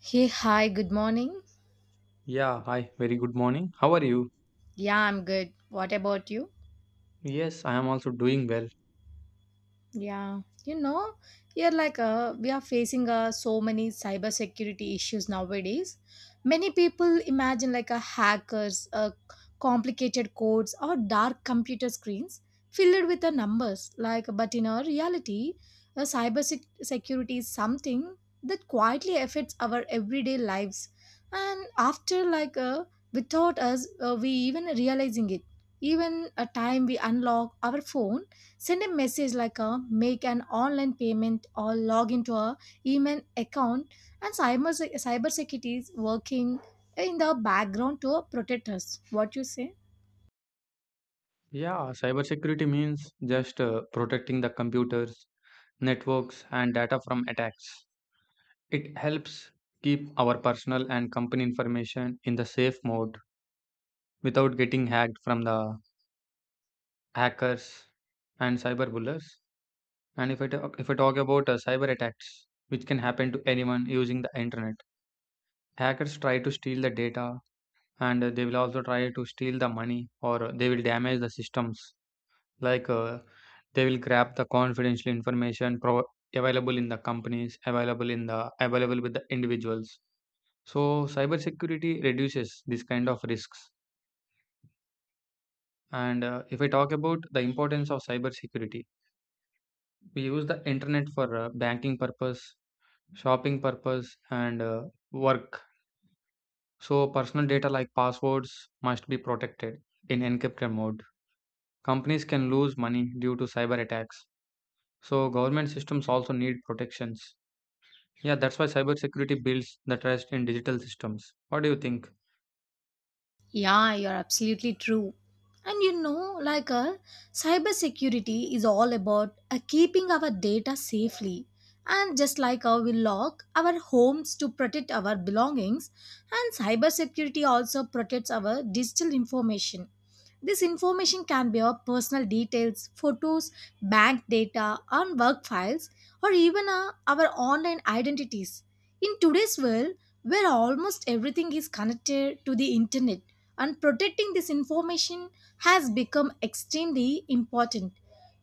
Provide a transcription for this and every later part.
Hey, hi, good morning. Yeah, hi, very good morning. How are you? Yeah, I'm good. What about you? Yes, I am also doing well. Yeah, you know, you're like We are facing so many cybersecurity issues nowadays. Many people imagine like a hackers, complicated codes, or dark computer screens filled with the numbers. Like, but in our reality, security is something that quietly affects our everyday lives, and after like without us, we even realizing it. Even a time we unlock our phone, send a message like a make an online payment or log into a email account, and cybersecurity is working in the background to protect us. What you say? Yeah, cybersecurity means just protecting the computers, networks, and data from attacks. It helps keep our personal and company information in the safe mode without getting hacked from the hackers and cyberbullies. And if I talk about cyber attacks, which can happen to anyone using the internet. Hackers try to steal the data, and they will also try to steal the money, or they will damage the systems, like uh, they will grab the confidential available in the companies, available in the available with the individuals. So cybersecurity reduces this kind of risks. And if I talk about the importance of cybersecurity, we use the internet for banking purpose, shopping purpose, and work. So personal data like passwords must be protected in encrypted mode. Companies can lose money due to cyber attacks. So government systems also need protections. Yeah, that's why cybersecurity builds the trust in digital systems. What do you think? Yeah, you're absolutely true. And you know, cybersecurity is all about keeping our data safely. And just we lock our homes to protect our belongings, and cybersecurity also protects our digital information. This information can be of personal details, photos, bank data, and work files, or even our online identities. In today's world, where almost everything is connected to the internet, and protecting this information has become extremely important.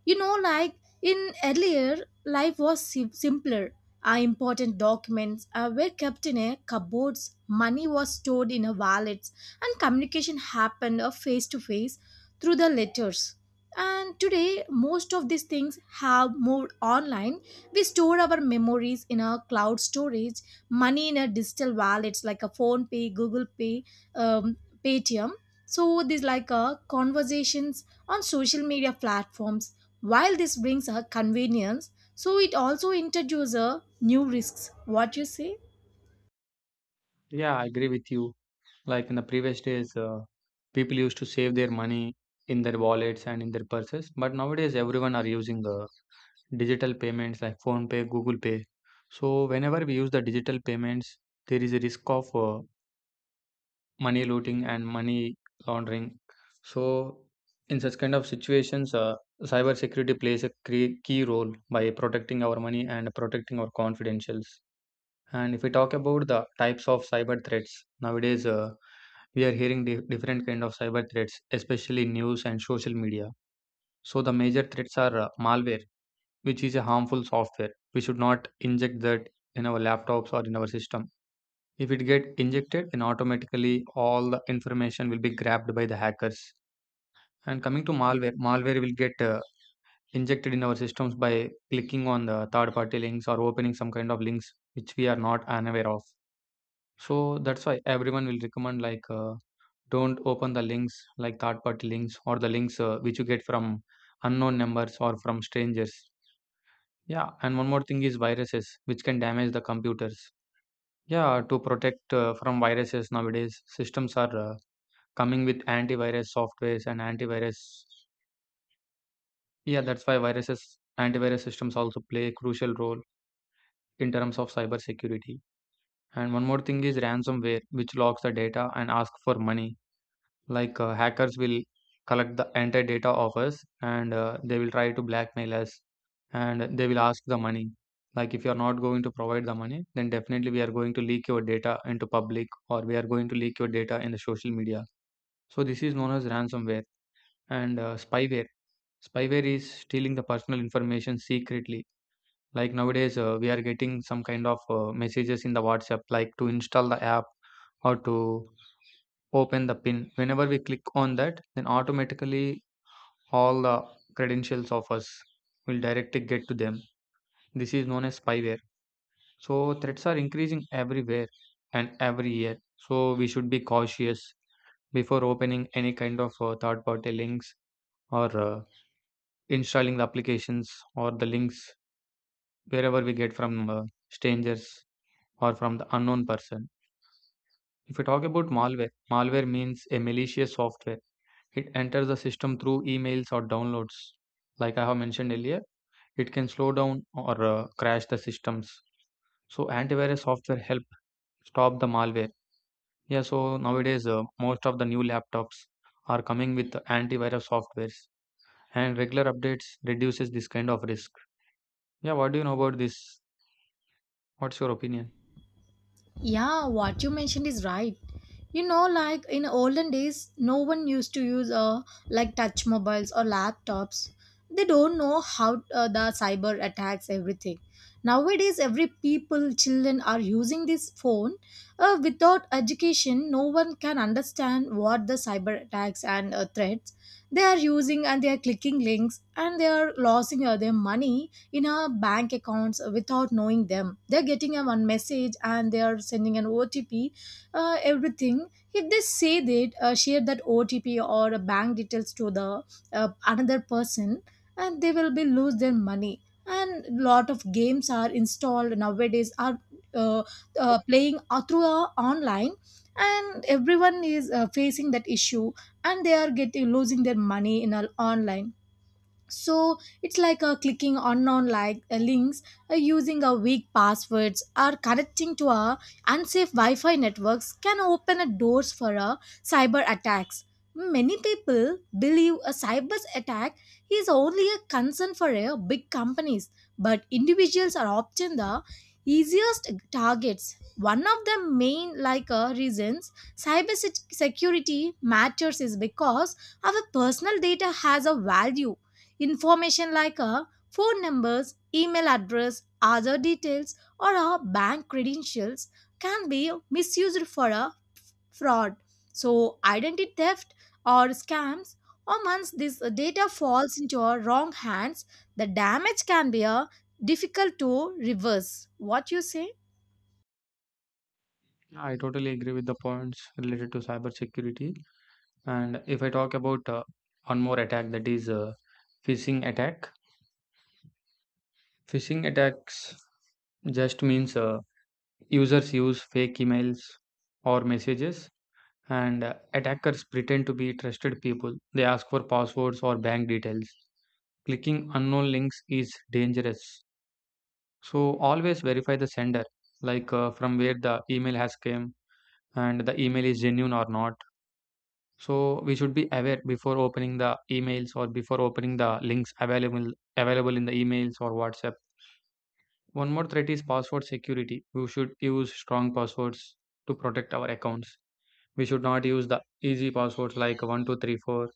You know, like in earlier, life was simpler. Our important documents were kept in a cupboards, money was stored in a wallets, and communication happened face to face through the letters. And today, most of these things have moved online. We store our memories in a cloud storage, money in a digital wallets like a phone pay, Google Pay, um, Paytm. So these conversations on social media platforms, while this brings her convenience, so it also introduces her new risks. What you say? Yeah, I agree with you. Like in the previous days, people used to save their money in their wallets and in their purses, but nowadays everyone are using digital payments like Phone Pay, Google Pay. So whenever we use the digital payments, there is a risk of money looting and money laundering. So in such kind of situations, cyber security plays a key role by protecting our money and protecting our confidentials. And if we talk about the types of cyber threats nowadays, we are hearing different kind of cyber threats, especially in news and social media. So the major threats are malware, which is a harmful software. We should not inject that in our laptops or in our system. If it get injected, then automatically all the information will be grabbed by the hackers. And coming to malware, malware will get injected in our systems by clicking on the third party links or opening some kind of links which we are not unaware of. So that's why everyone will recommend like don't open the links like third party links, or the links which you get from unknown numbers or from strangers. Yeah, and one more thing is viruses, which can damage the computers. Yeah, to protect from viruses nowadays, systems are coming with antivirus softwares and antivirus. Yeah, that's why viruses, antivirus systems also play a crucial role in terms of cyber security. And one more thing is ransomware, which locks the data and asks for money. Hackers will collect the entire data of us, and they will try to blackmail us, and they will ask the money. Like, if you are not going to provide the money, then definitely we are going to leak your data into public, or we are going to leak your data in the social media. So this is known as ransomware. And spyware. Spyware is stealing the personal information secretly. Like nowadays, we are getting some kind of messages in the WhatsApp, like to install the app or to open the pin. Whenever we click on that, then automatically all the credentials of us will directly get to them. This is known as spyware. So threats are increasing everywhere and every year. So we should be cautious before opening any kind of third party links, or installing the applications or the links wherever we get from strangers or from the unknown person. If we talk about malware, malware means a malicious software. It enters the system through emails or downloads. Like I have mentioned earlier, it can slow down or crash the systems. So antivirus software help stop the malware. Yeah, so nowadays most of the new laptops are coming with antivirus softwares, and regular updates reduces this kind of risk. Yeah, what do you know about this? What's your opinion? Yeah, what you mentioned is right. You know, like in olden days, no one used to use like touch mobiles or laptops. They don't know how the cyber attacks everything. Nowadays, every people, children are using this phone. Without education, no one can understand what the cyber attacks and threats they are using, and they are clicking links and they are losing their money in our bank accounts without knowing them. They're getting a one message and they are sending an OTP, everything. If they say that, share that OTP or bank details to the another person, and they will be lose their money. And lot of games are installed nowadays are uh, playing through online, and everyone is facing that issue, and they are getting losing their money in online. So it's clicking on unknown links, using a weak passwords or connecting to a unsafe wi-fi networks can open a doors for a cyber attacks. Many people believe a cyber attack is only a concern for a big companies, but individuals are often the easiest targets. One of the main reasons security matters is because our personal data has a value. Information like a phone numbers, email address, other details, or a bank credentials can be misused for a fraud. So, identity theft or scams, or once this data falls into a wrong hands, the damage can be a difficult to reverse. What you say? I totally agree with the points related to cybersecurity. And if I talk about one more attack, that is phishing attack. Phishing attacks just means users use fake emails or messages, and attackers pretend to be trusted people. They ask for passwords or bank details. Clicking unknown links is dangerous. So always verify the sender, like from where the email has came and the email is genuine or not. So we should be aware before opening the emails or before opening the links available in the emails or WhatsApp. One more threat is password security. We should use strong passwords to protect our accounts. We should not use the easy passwords like 1234,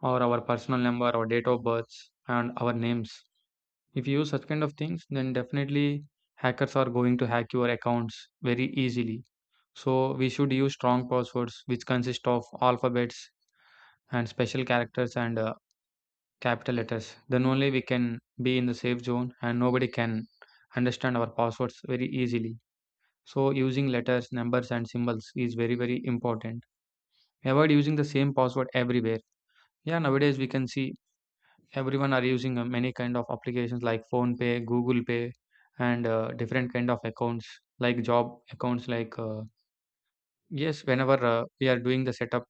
or our personal number or date of birth and our names. If you use such kind of things, then definitely hackers are going to hack your accounts very easily. So we should use strong passwords which consist of alphabets and special characters and capital letters. Then only we can be in the safe zone and nobody can understand our passwords very easily. So using letters, numbers and symbols is very very important. Avoid using the same password everywhere. Yeah, nowadays we can see everyone are using many kind of applications like Phone Pay, Google Pay, and different kind of accounts like job accounts. Yes, whenever we are doing the setup,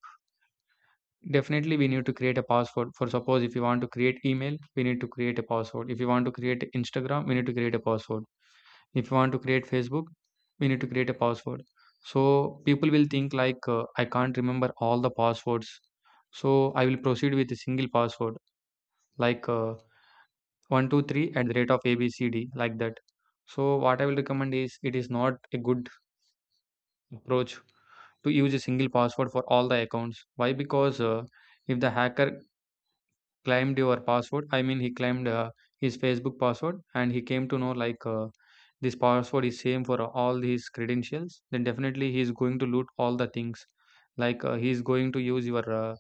definitely, we need to create a password. For suppose, if you want to create email, we need to create a password. If you want to create Instagram, we need to create a password. If you want to create Facebook, we need to create a password. So people will think like I can't remember all the passwords. So I will proceed with a single password like 123 at the rate of ABCD like that. So what I will recommend is, it is not a good approach to use a single password for all the accounts. Why? Because if the hacker claimed your password. I mean he claimed his Facebook password, and he came to know this password is same for all his credentials, then definitely he is going to loot all the things. He is going to use your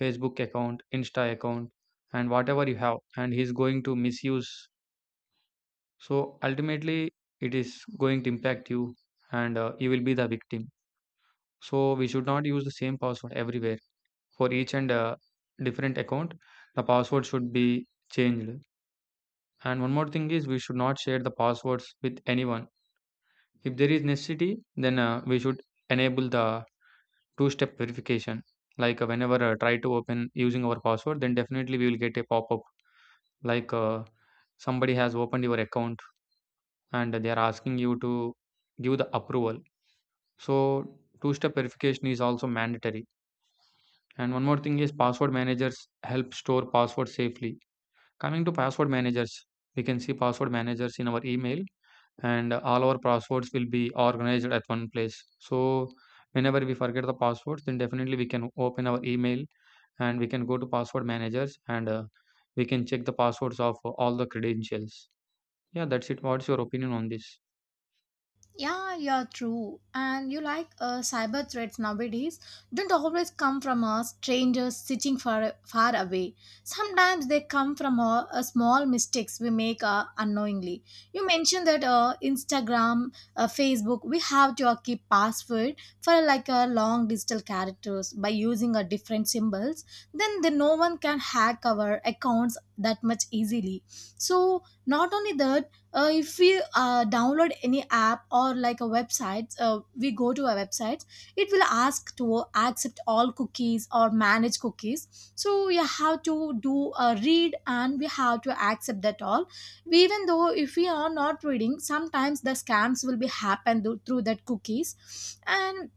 Facebook account, Insta account and whatever you have, and he is going to misuse. So ultimately it is going to impact you, and you will be the victim. So we should not use the same password everywhere. For each and different account, the password should be changed. And one more thing is, we should not share the passwords with anyone. If there is necessity, then we should enable the two step verification. Whenever try to open using our password, then definitely we will get a pop up like somebody has opened your account, and they are asking you to give the approval. So, two step verification is also mandatory. And one more thing is, password managers help store passwords safely. Coming to password managers, we can see password managers in our email, and all our passwords will be organized at one place. So whenever we forget the passwords, then definitely we can open our email and we can go to password managers, and we can check the passwords of all the credentials. Yeah, that's it. What's your opinion on this? Yeah, true. And you cyber threats nowadays don't always come from a stranger sitting far, far away. Sometimes they come from a small mistakes we make unknowingly. You mentioned that Instagram, Facebook, we have to keep password for like a long digital characters by using a different symbols. Then no one can hack our accounts that much easily. So not only that, if we download any app or like a website, we go to a website, it will ask to accept all cookies or manage cookies, so we have to do a read and we have to accept that all. We even though if we are not reading, sometimes the scams will be happen through that cookies. And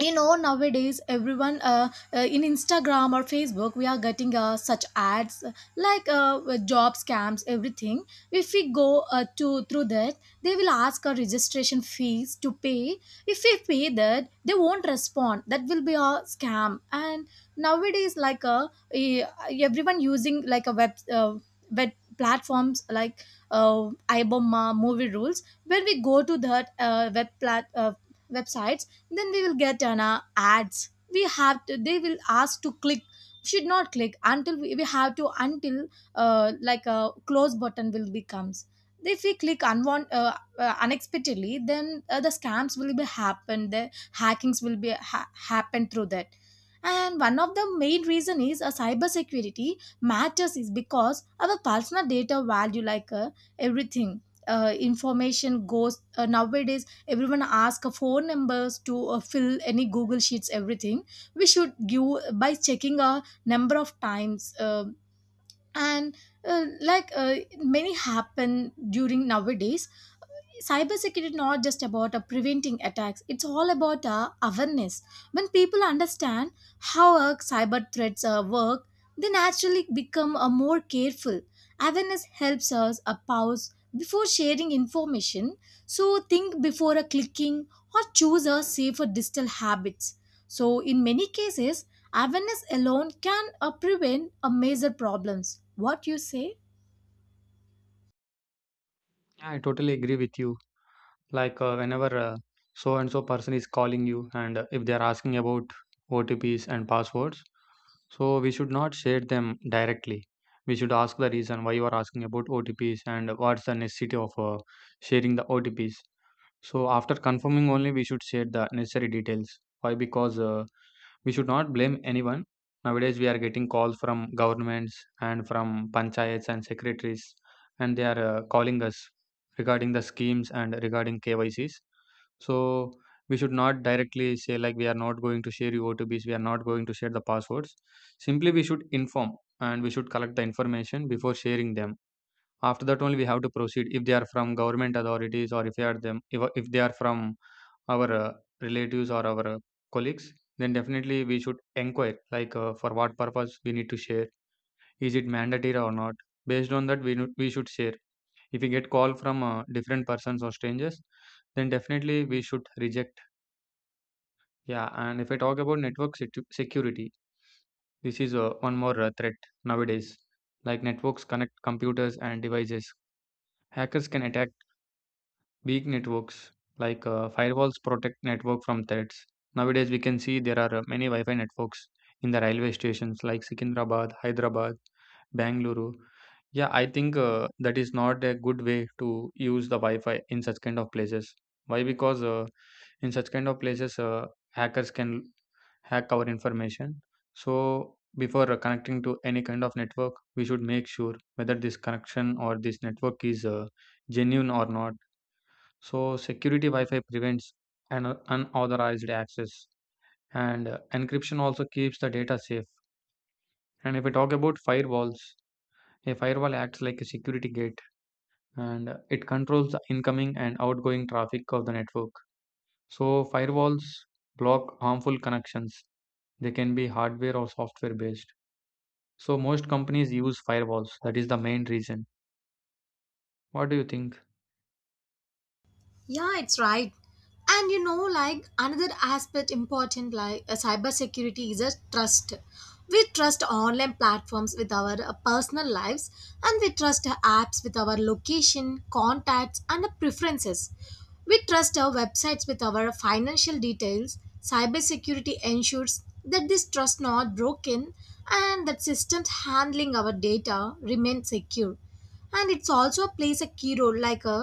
you know nowadays everyone, in Instagram or Facebook, we are getting such ads, job scams, everything. If we go to through that, they will ask a registration fees to pay. If we pay, that they won't respond, that will be a scam. And nowadays everyone using like a web platforms like uh, iboma movie rules. When we go to that websites, then we will get an ads. We have to, they will ask to click, should not click until we have to, until like a close button will becomes. If we click unexpectedly, then the scams will be happen, the hackings will be happen through that. And one of the main reason is a cybersecurity matters is because our personal data value everything, information goes nowadays. Everyone ask four numbers to fill any Google Sheets, everything. We should give by checking a number of times, and like many happen during nowadays. Cybersecurity is not just about preventing attacks, it's all about awareness. When people understand how cyber threats work, they naturally become more careful. Awareness helps us pause before sharing information, so think before clicking or choose a safer digital habits. So, in many cases, awareness alone can prevent a major problems. What you say? Yeah, I totally agree with you. Whenever so and so person is calling you and if they are asking about OTPs and passwords, so we should not share them directly. We should ask the reason why you are asking about OTPs, and what's the necessity of sharing the OTPs. So after confirming only we should share the necessary details. Why? Because we should not blame anyone. Nowadays, we are getting calls from governments and from panchayats and secretaries, and they are calling us regarding the schemes and regarding KYCs. So we should not directly say like we are not going to share your OTPs, we are not going to share the passwords. Simply, we should inform, and we should collect the information before sharing them. After that, only we have to proceed. If they are from government authorities, or if they are them, if they are from our relatives or our colleagues, then definitely we should inquire like for what purpose we need to share. Is it mandatory or not? Based on that, we should share. If we get call from different persons or strangers, then definitely we should reject. Yeah, and if I talk about network security, this is one more threat nowadays. Like networks connect computers and devices. Hackers can attack weak networks. Firewalls protect network from threats. Nowadays, we can see there are many Wi-Fi networks in the railway stations, like Secunderabad, Hyderabad, Bangalore. Yeah, I think that is not a good way to use the Wi-Fi in such kind of places. Why? Because in such kind of places, hackers can hack our information. So before connecting to any kind of network, we should make sure whether this connection or this network is genuine or not. So security Wi-Fi prevents an unauthorized access, and encryption also keeps the data safe. And if we talk about firewalls, a firewall acts like a security gate, and it controls the incoming and outgoing traffic of the network. So firewalls block harmful connections. They can be hardware or software based. So most companies use firewalls. That is the main reason. What do you think? Yeah, it's right. And you know, like another aspect important, cybersecurity is a trust. We trust online platforms with our personal lives, and we trust apps with our location, contacts, and preferences. We trust our websites with our financial details. Cybersecurity ensures that this trust not broken, and that systems handling our data remain secure, and it's also plays a key role like a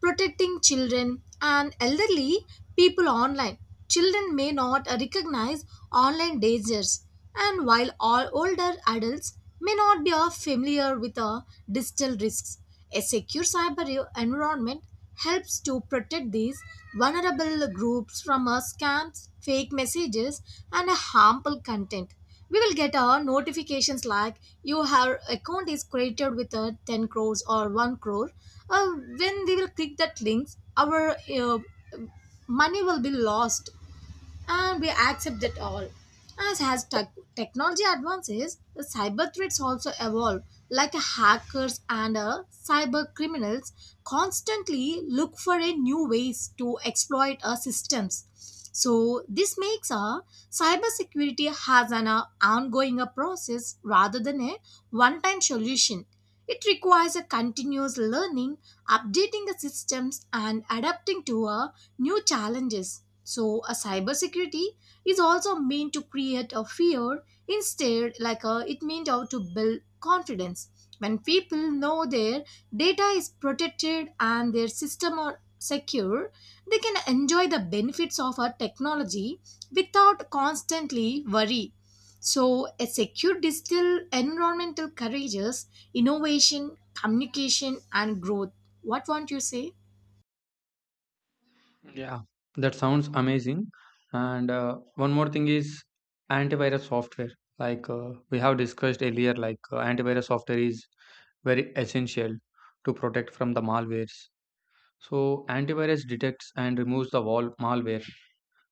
protecting children and elderly people online. Children may not recognize online dangers, and while all older adults may not be familiar with digital risks, a secure environment helps to protect these vulnerable groups from scams, fake messages, and harmful content. We will get notifications like your account is created with 10 crores or 1 crore. When we will click that links, our money will be lost and we accept it all. As has technology advances, the cyber threats also evolve, like hackers and cyber criminals constantly look for a new ways to exploit our systems. So this makes our cybersecurity has an ongoing process rather than a one-time solution. It requires a continuous learning, updating the systems, and adapting to new challenges. So, a cybersecurity is also meant to create a fear instead, like a, it meant out to build confidence. When people know their data is protected and their system are secure, they can enjoy the benefits of a technology without constantly worry. So, a secure digital environment encourages innovation, communication, and growth. What won't you say? Yeah, that sounds amazing. And one more thing is antivirus software. We have discussed earlier, like antivirus software is very essential to protect from the malwares. So antivirus detects and removes the wall malware.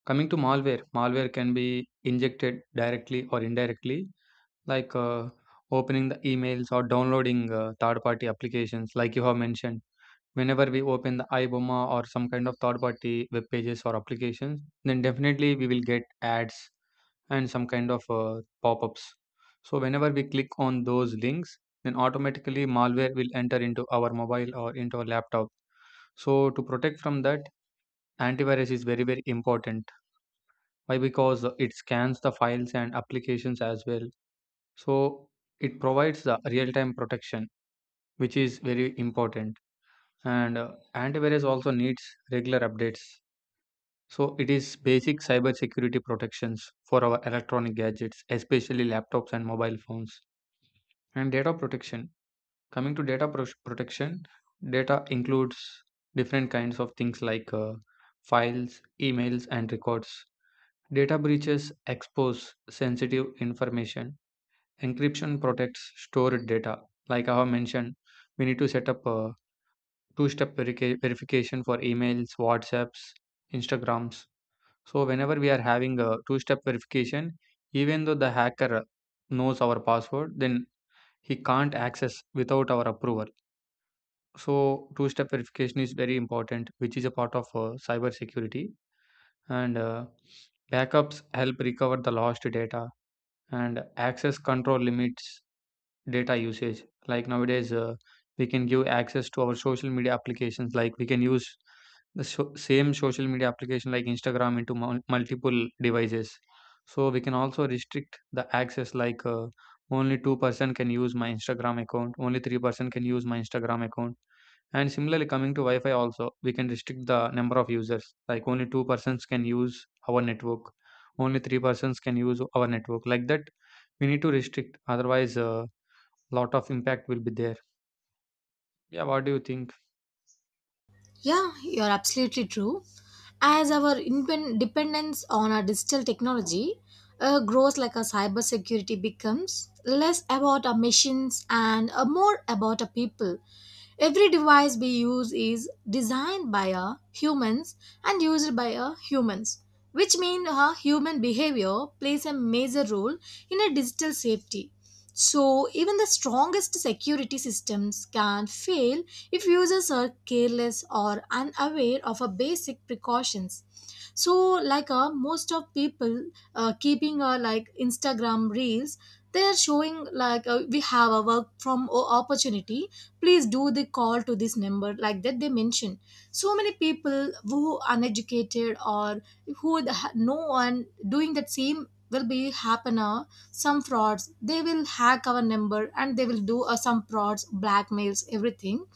Coming to malware, malware can be injected directly or indirectly, like opening the emails or downloading third-party applications, like you have mentioned. Whenever we open the iBoma or some kind of third party web pages or applications, then definitely we will get ads and some kind of pop ups. So, whenever we click on those links, then automatically malware will enter into our mobile or into our laptop. So, to protect from that, antivirus is very, very important. Why? Because it scans the files and applications as well. So, it provides the real time protection, which is very important. And Antivirus also needs regular updates, so it is basic cybersecurity protections for our electronic gadgets, especially laptops and mobile phones. And data protection, coming to protection, data includes different kinds of things like files, emails and records. Data breaches expose sensitive information. Encryption protects stored data, like I have mentioned. We need to set up a two step verification for emails, WhatsApps, Instagrams. So, whenever we are having a two step verification, even though the hacker knows our password, then he can't access without our approval. So, two step verification is very important, which is a part of cyber security. And backups help recover the lost data, and access control limits data usage. Like nowadays we can give access to our social media applications, like we can use the same social media application like Instagram into multiple devices. So we can also restrict the access, like only 2-person can use my Instagram account, only 3-person can use my Instagram account. And similarly coming to Wi-Fi also, we can restrict the number of users, like only 2 persons can use our network, only 3 persons can use our network. Like that we need to restrict, otherwise lot of impact will be there. Yeah, what do you think? Yeah, you're absolutely true. As our dependence on our digital technology grows, like our cybersecurity becomes less about our machines and more about our people. Every device we use is designed by a humans and used by a humans, which means a human behavior plays a major role in a digital safety. So even the strongest security systems can fail if users are careless or unaware of a basic precautions. So most of people keeping like Instagram reels, they are showing like we have a work from opportunity, please do the call to this number like that they mention. So many people who are uneducated or who no one doing that same will be happener, some frauds they will hack our number and they will do some frauds, blackmails, everything.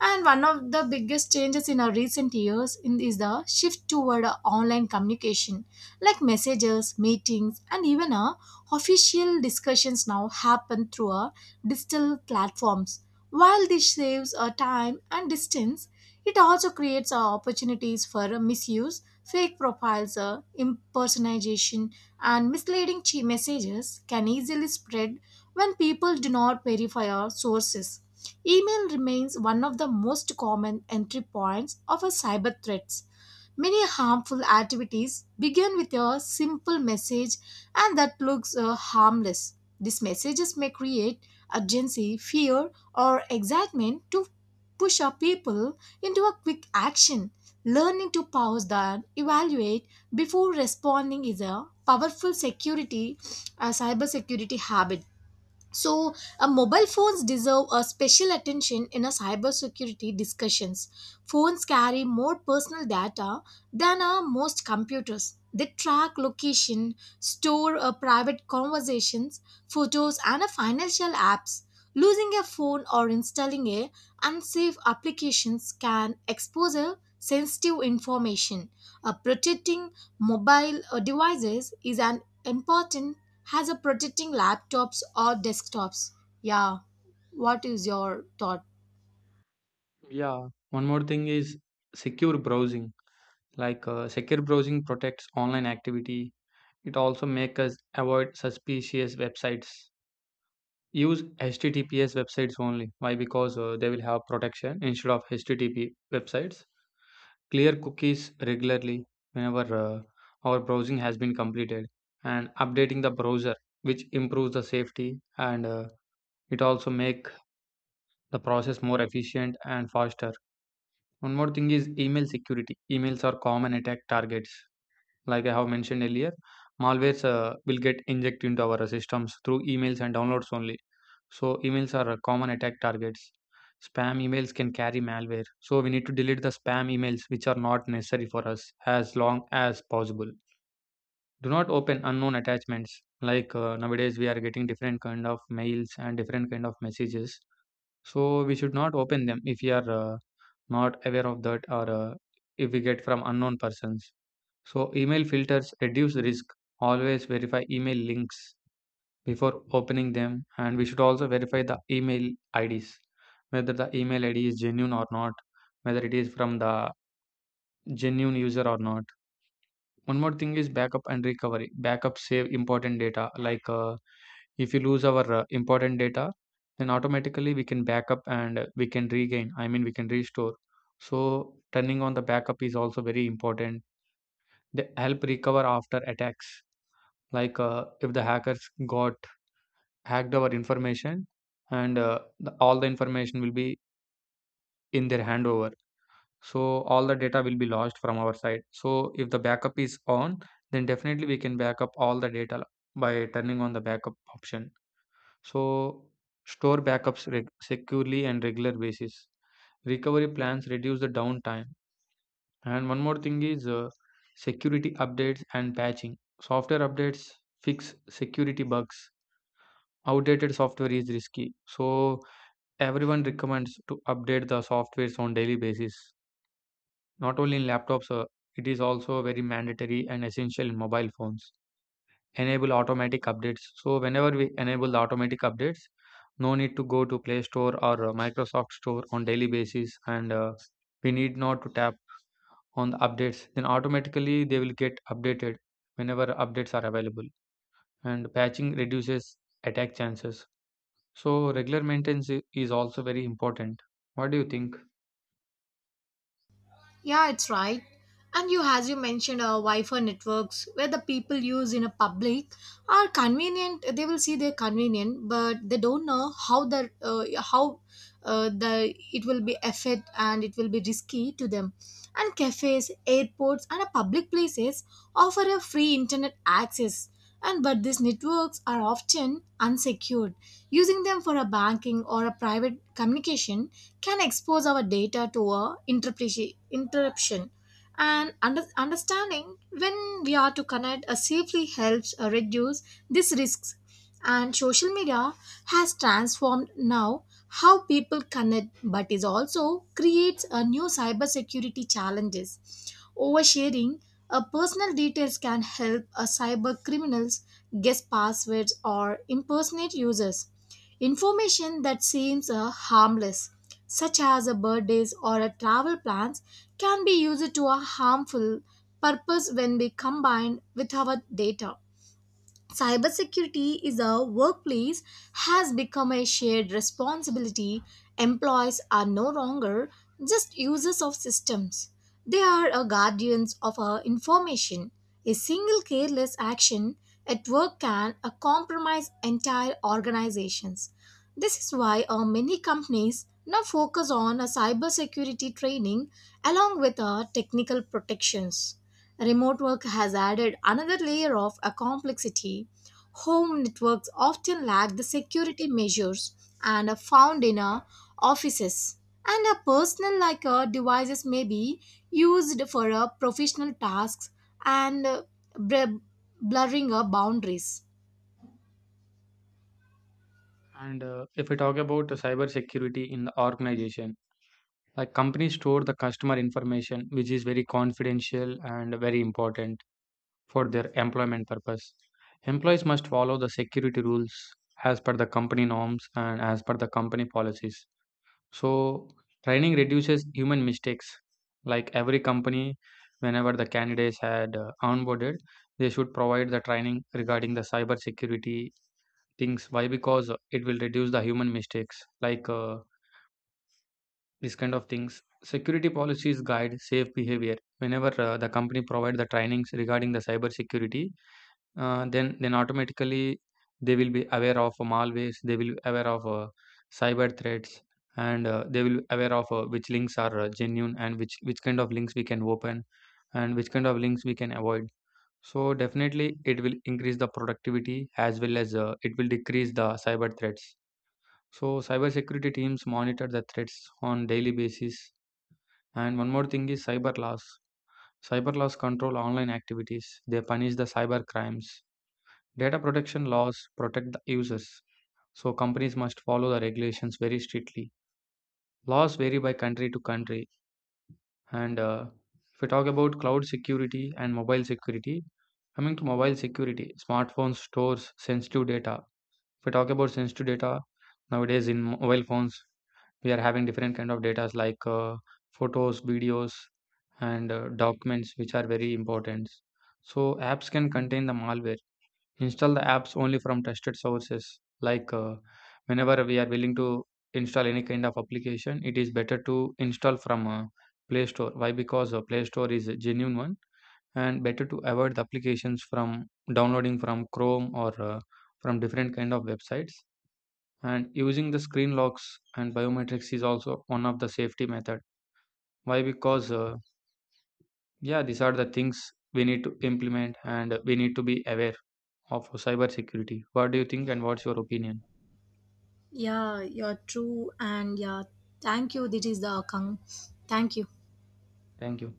And one of the biggest changes in our recent years is the shift toward online communication, like messages, meetings, and even official discussions now happen through digital platforms. While this saves time and distance, it also creates opportunities for misuse, fake profiles, impersonation, and misleading messages can easily spread when people do not verify our sources. Email remains one of the most common entry points of a cyber threats. Many harmful activities begin with a simple message and that looks harmless. These messages may create urgency, fear, or excitement to push our people into a quick action. Learning to pause and evaluate before responding is a powerful security, a cyber security habit. So, mobile phones deserve a special attention in a cybersecurity discussions. Phones carry more personal data than most computers. They track location, store private conversations, photos, and financial apps. Losing a phone or installing a unsafe applications can expose a sensitive information. Protecting mobile devices is an important has a protecting laptops or desktops. Yeah, what is your thought? Yeah, one more thing is secure browsing. Secure browsing protects online activity. It also makes us avoid suspicious websites. Use https websites only. Why? Because they will have protection instead of http websites. Clear cookies regularly, whenever our browsing has been completed, and updating the browser, which improves the safety, and it also make the process more efficient and faster. One more thing is email security. Emails are common attack targets. Like I have mentioned earlier, malwares will get injected into our systems through emails and downloads only. So emails are common attack targets. Spam emails can carry malware. So we need to delete the spam emails which are not necessary for us as long as possible. Do not open unknown attachments. Nowadays we are getting different kind of mails and different kind of messages. So we should not open them if we are not aware of that, or if we get from unknown persons. So email filters reduce risk. Always verify email links before opening them, and we should also verify the email IDs whether the email ID is genuine or not, whether it is from the genuine user or not. One more thing is backup and recovery. Backup save important data, like if you lose our important data, then automatically we can backup and we can regain. I mean, we can restore. So turning on the backup is also very important. They help recover after attacks. If the hackers got hacked our information, and all the information will be in their handover. So all the data will be lost from our side. So if the backup is on, then definitely we can backup all the data by turning on the backup option. So store backups securely and regular basis. Recovery plans reduce the downtime. And one more thing is security updates and patching. Software updates fix security bugs. Outdated software is risky. So everyone recommends to update the softwares on daily basis. Not only in laptops, it is also very mandatory and essential in mobile phones. Enable automatic updates. So whenever we enable the automatic updates, no need to go to Play Store or Microsoft Store on daily basis, and we need not to tap on the updates. Then automatically they will get updated whenever updates are available. And patching reduces attack chances. So regular maintenance is also very important. What do you think? Yeah, it's right. And you, as you mentioned, Wi-Fi networks where the people use in a public are convenient. They will see they're convenient, but they don't know how the it will be effect and it will be risky to them. And cafes, airports, and public places offer a free internet access. And but these networks are often unsecured. Using them for a banking or a private communication can expose our data to a interruption, and understanding when we are to connect safely helps reduce these risks. And social media has transformed now how people connect, but is also creates a new cybersecurity challenges. Oversharing personal details can help cyber criminals guess passwords or impersonate users. Information that seems harmless, such as a birthdays or a travel plans, can be used to a harmful purpose when we combined with our data. Cybersecurity is a workplace has become a shared responsibility. Employees are no longer just users of systems. They are a guardians of our information. A single careless action at work can compromise entire organizations. This is why many companies now focus on a cybersecurity training along with technical protections. Remote work has added another layer of a complexity. Home networks often lack the security measures and are found in our offices. And a personal devices may be used for professional tasks, and br- blurring our boundaries. And if we talk about the cyber security in the organization, like companies store the customer information, which is very confidential and very important for their employment purpose. Employees must follow the security rules as per the company norms and as per the company policies. So, training reduces human mistakes. Like every company, whenever the candidates had onboarded, they should provide the training regarding the cyber security things. Why? Because it will reduce the human mistakes, like this kind of things. Security policies guide safe behavior. Whenever the company provide the trainings regarding the cyber security, then automatically they will be aware of malwares, they will be aware of cyber threats, and they will be aware of which links are genuine, and which kind of links we can open and which kind of links we can avoid. So definitely it will increase the productivity, as well as it will decrease the cyber threats. So cybersecurity teams monitor the threats on daily basis. And one more thing is cyber laws. Cyber laws control online activities. They punish the cyber crimes. Data protection laws protect the users, so companies must follow the regulations very strictly. Laws vary by country to country, and if we talk about cloud security and mobile security, coming to mobile security, smartphones stores sensitive data. If we talk about sensitive data, nowadays in mobile phones, we are having different kind of data like photos, videos, and documents, which are very important. So apps can contain the malware. Install the apps only from trusted sources. Whenever we are willing to install any kind of application, it is better to install from Play Store. Why? Because Play Store is a genuine one, and better to avoid the applications from downloading from Chrome or from different kind of websites. And using the screen locks and biometrics is also one of the safety method. Why? Because yeah, these are the things we need to implement, and we need to be aware of cybersecurity. What do you think and what's your opinion? Yeah, you're true. And yeah, thank you. This is the thank you. Thank you.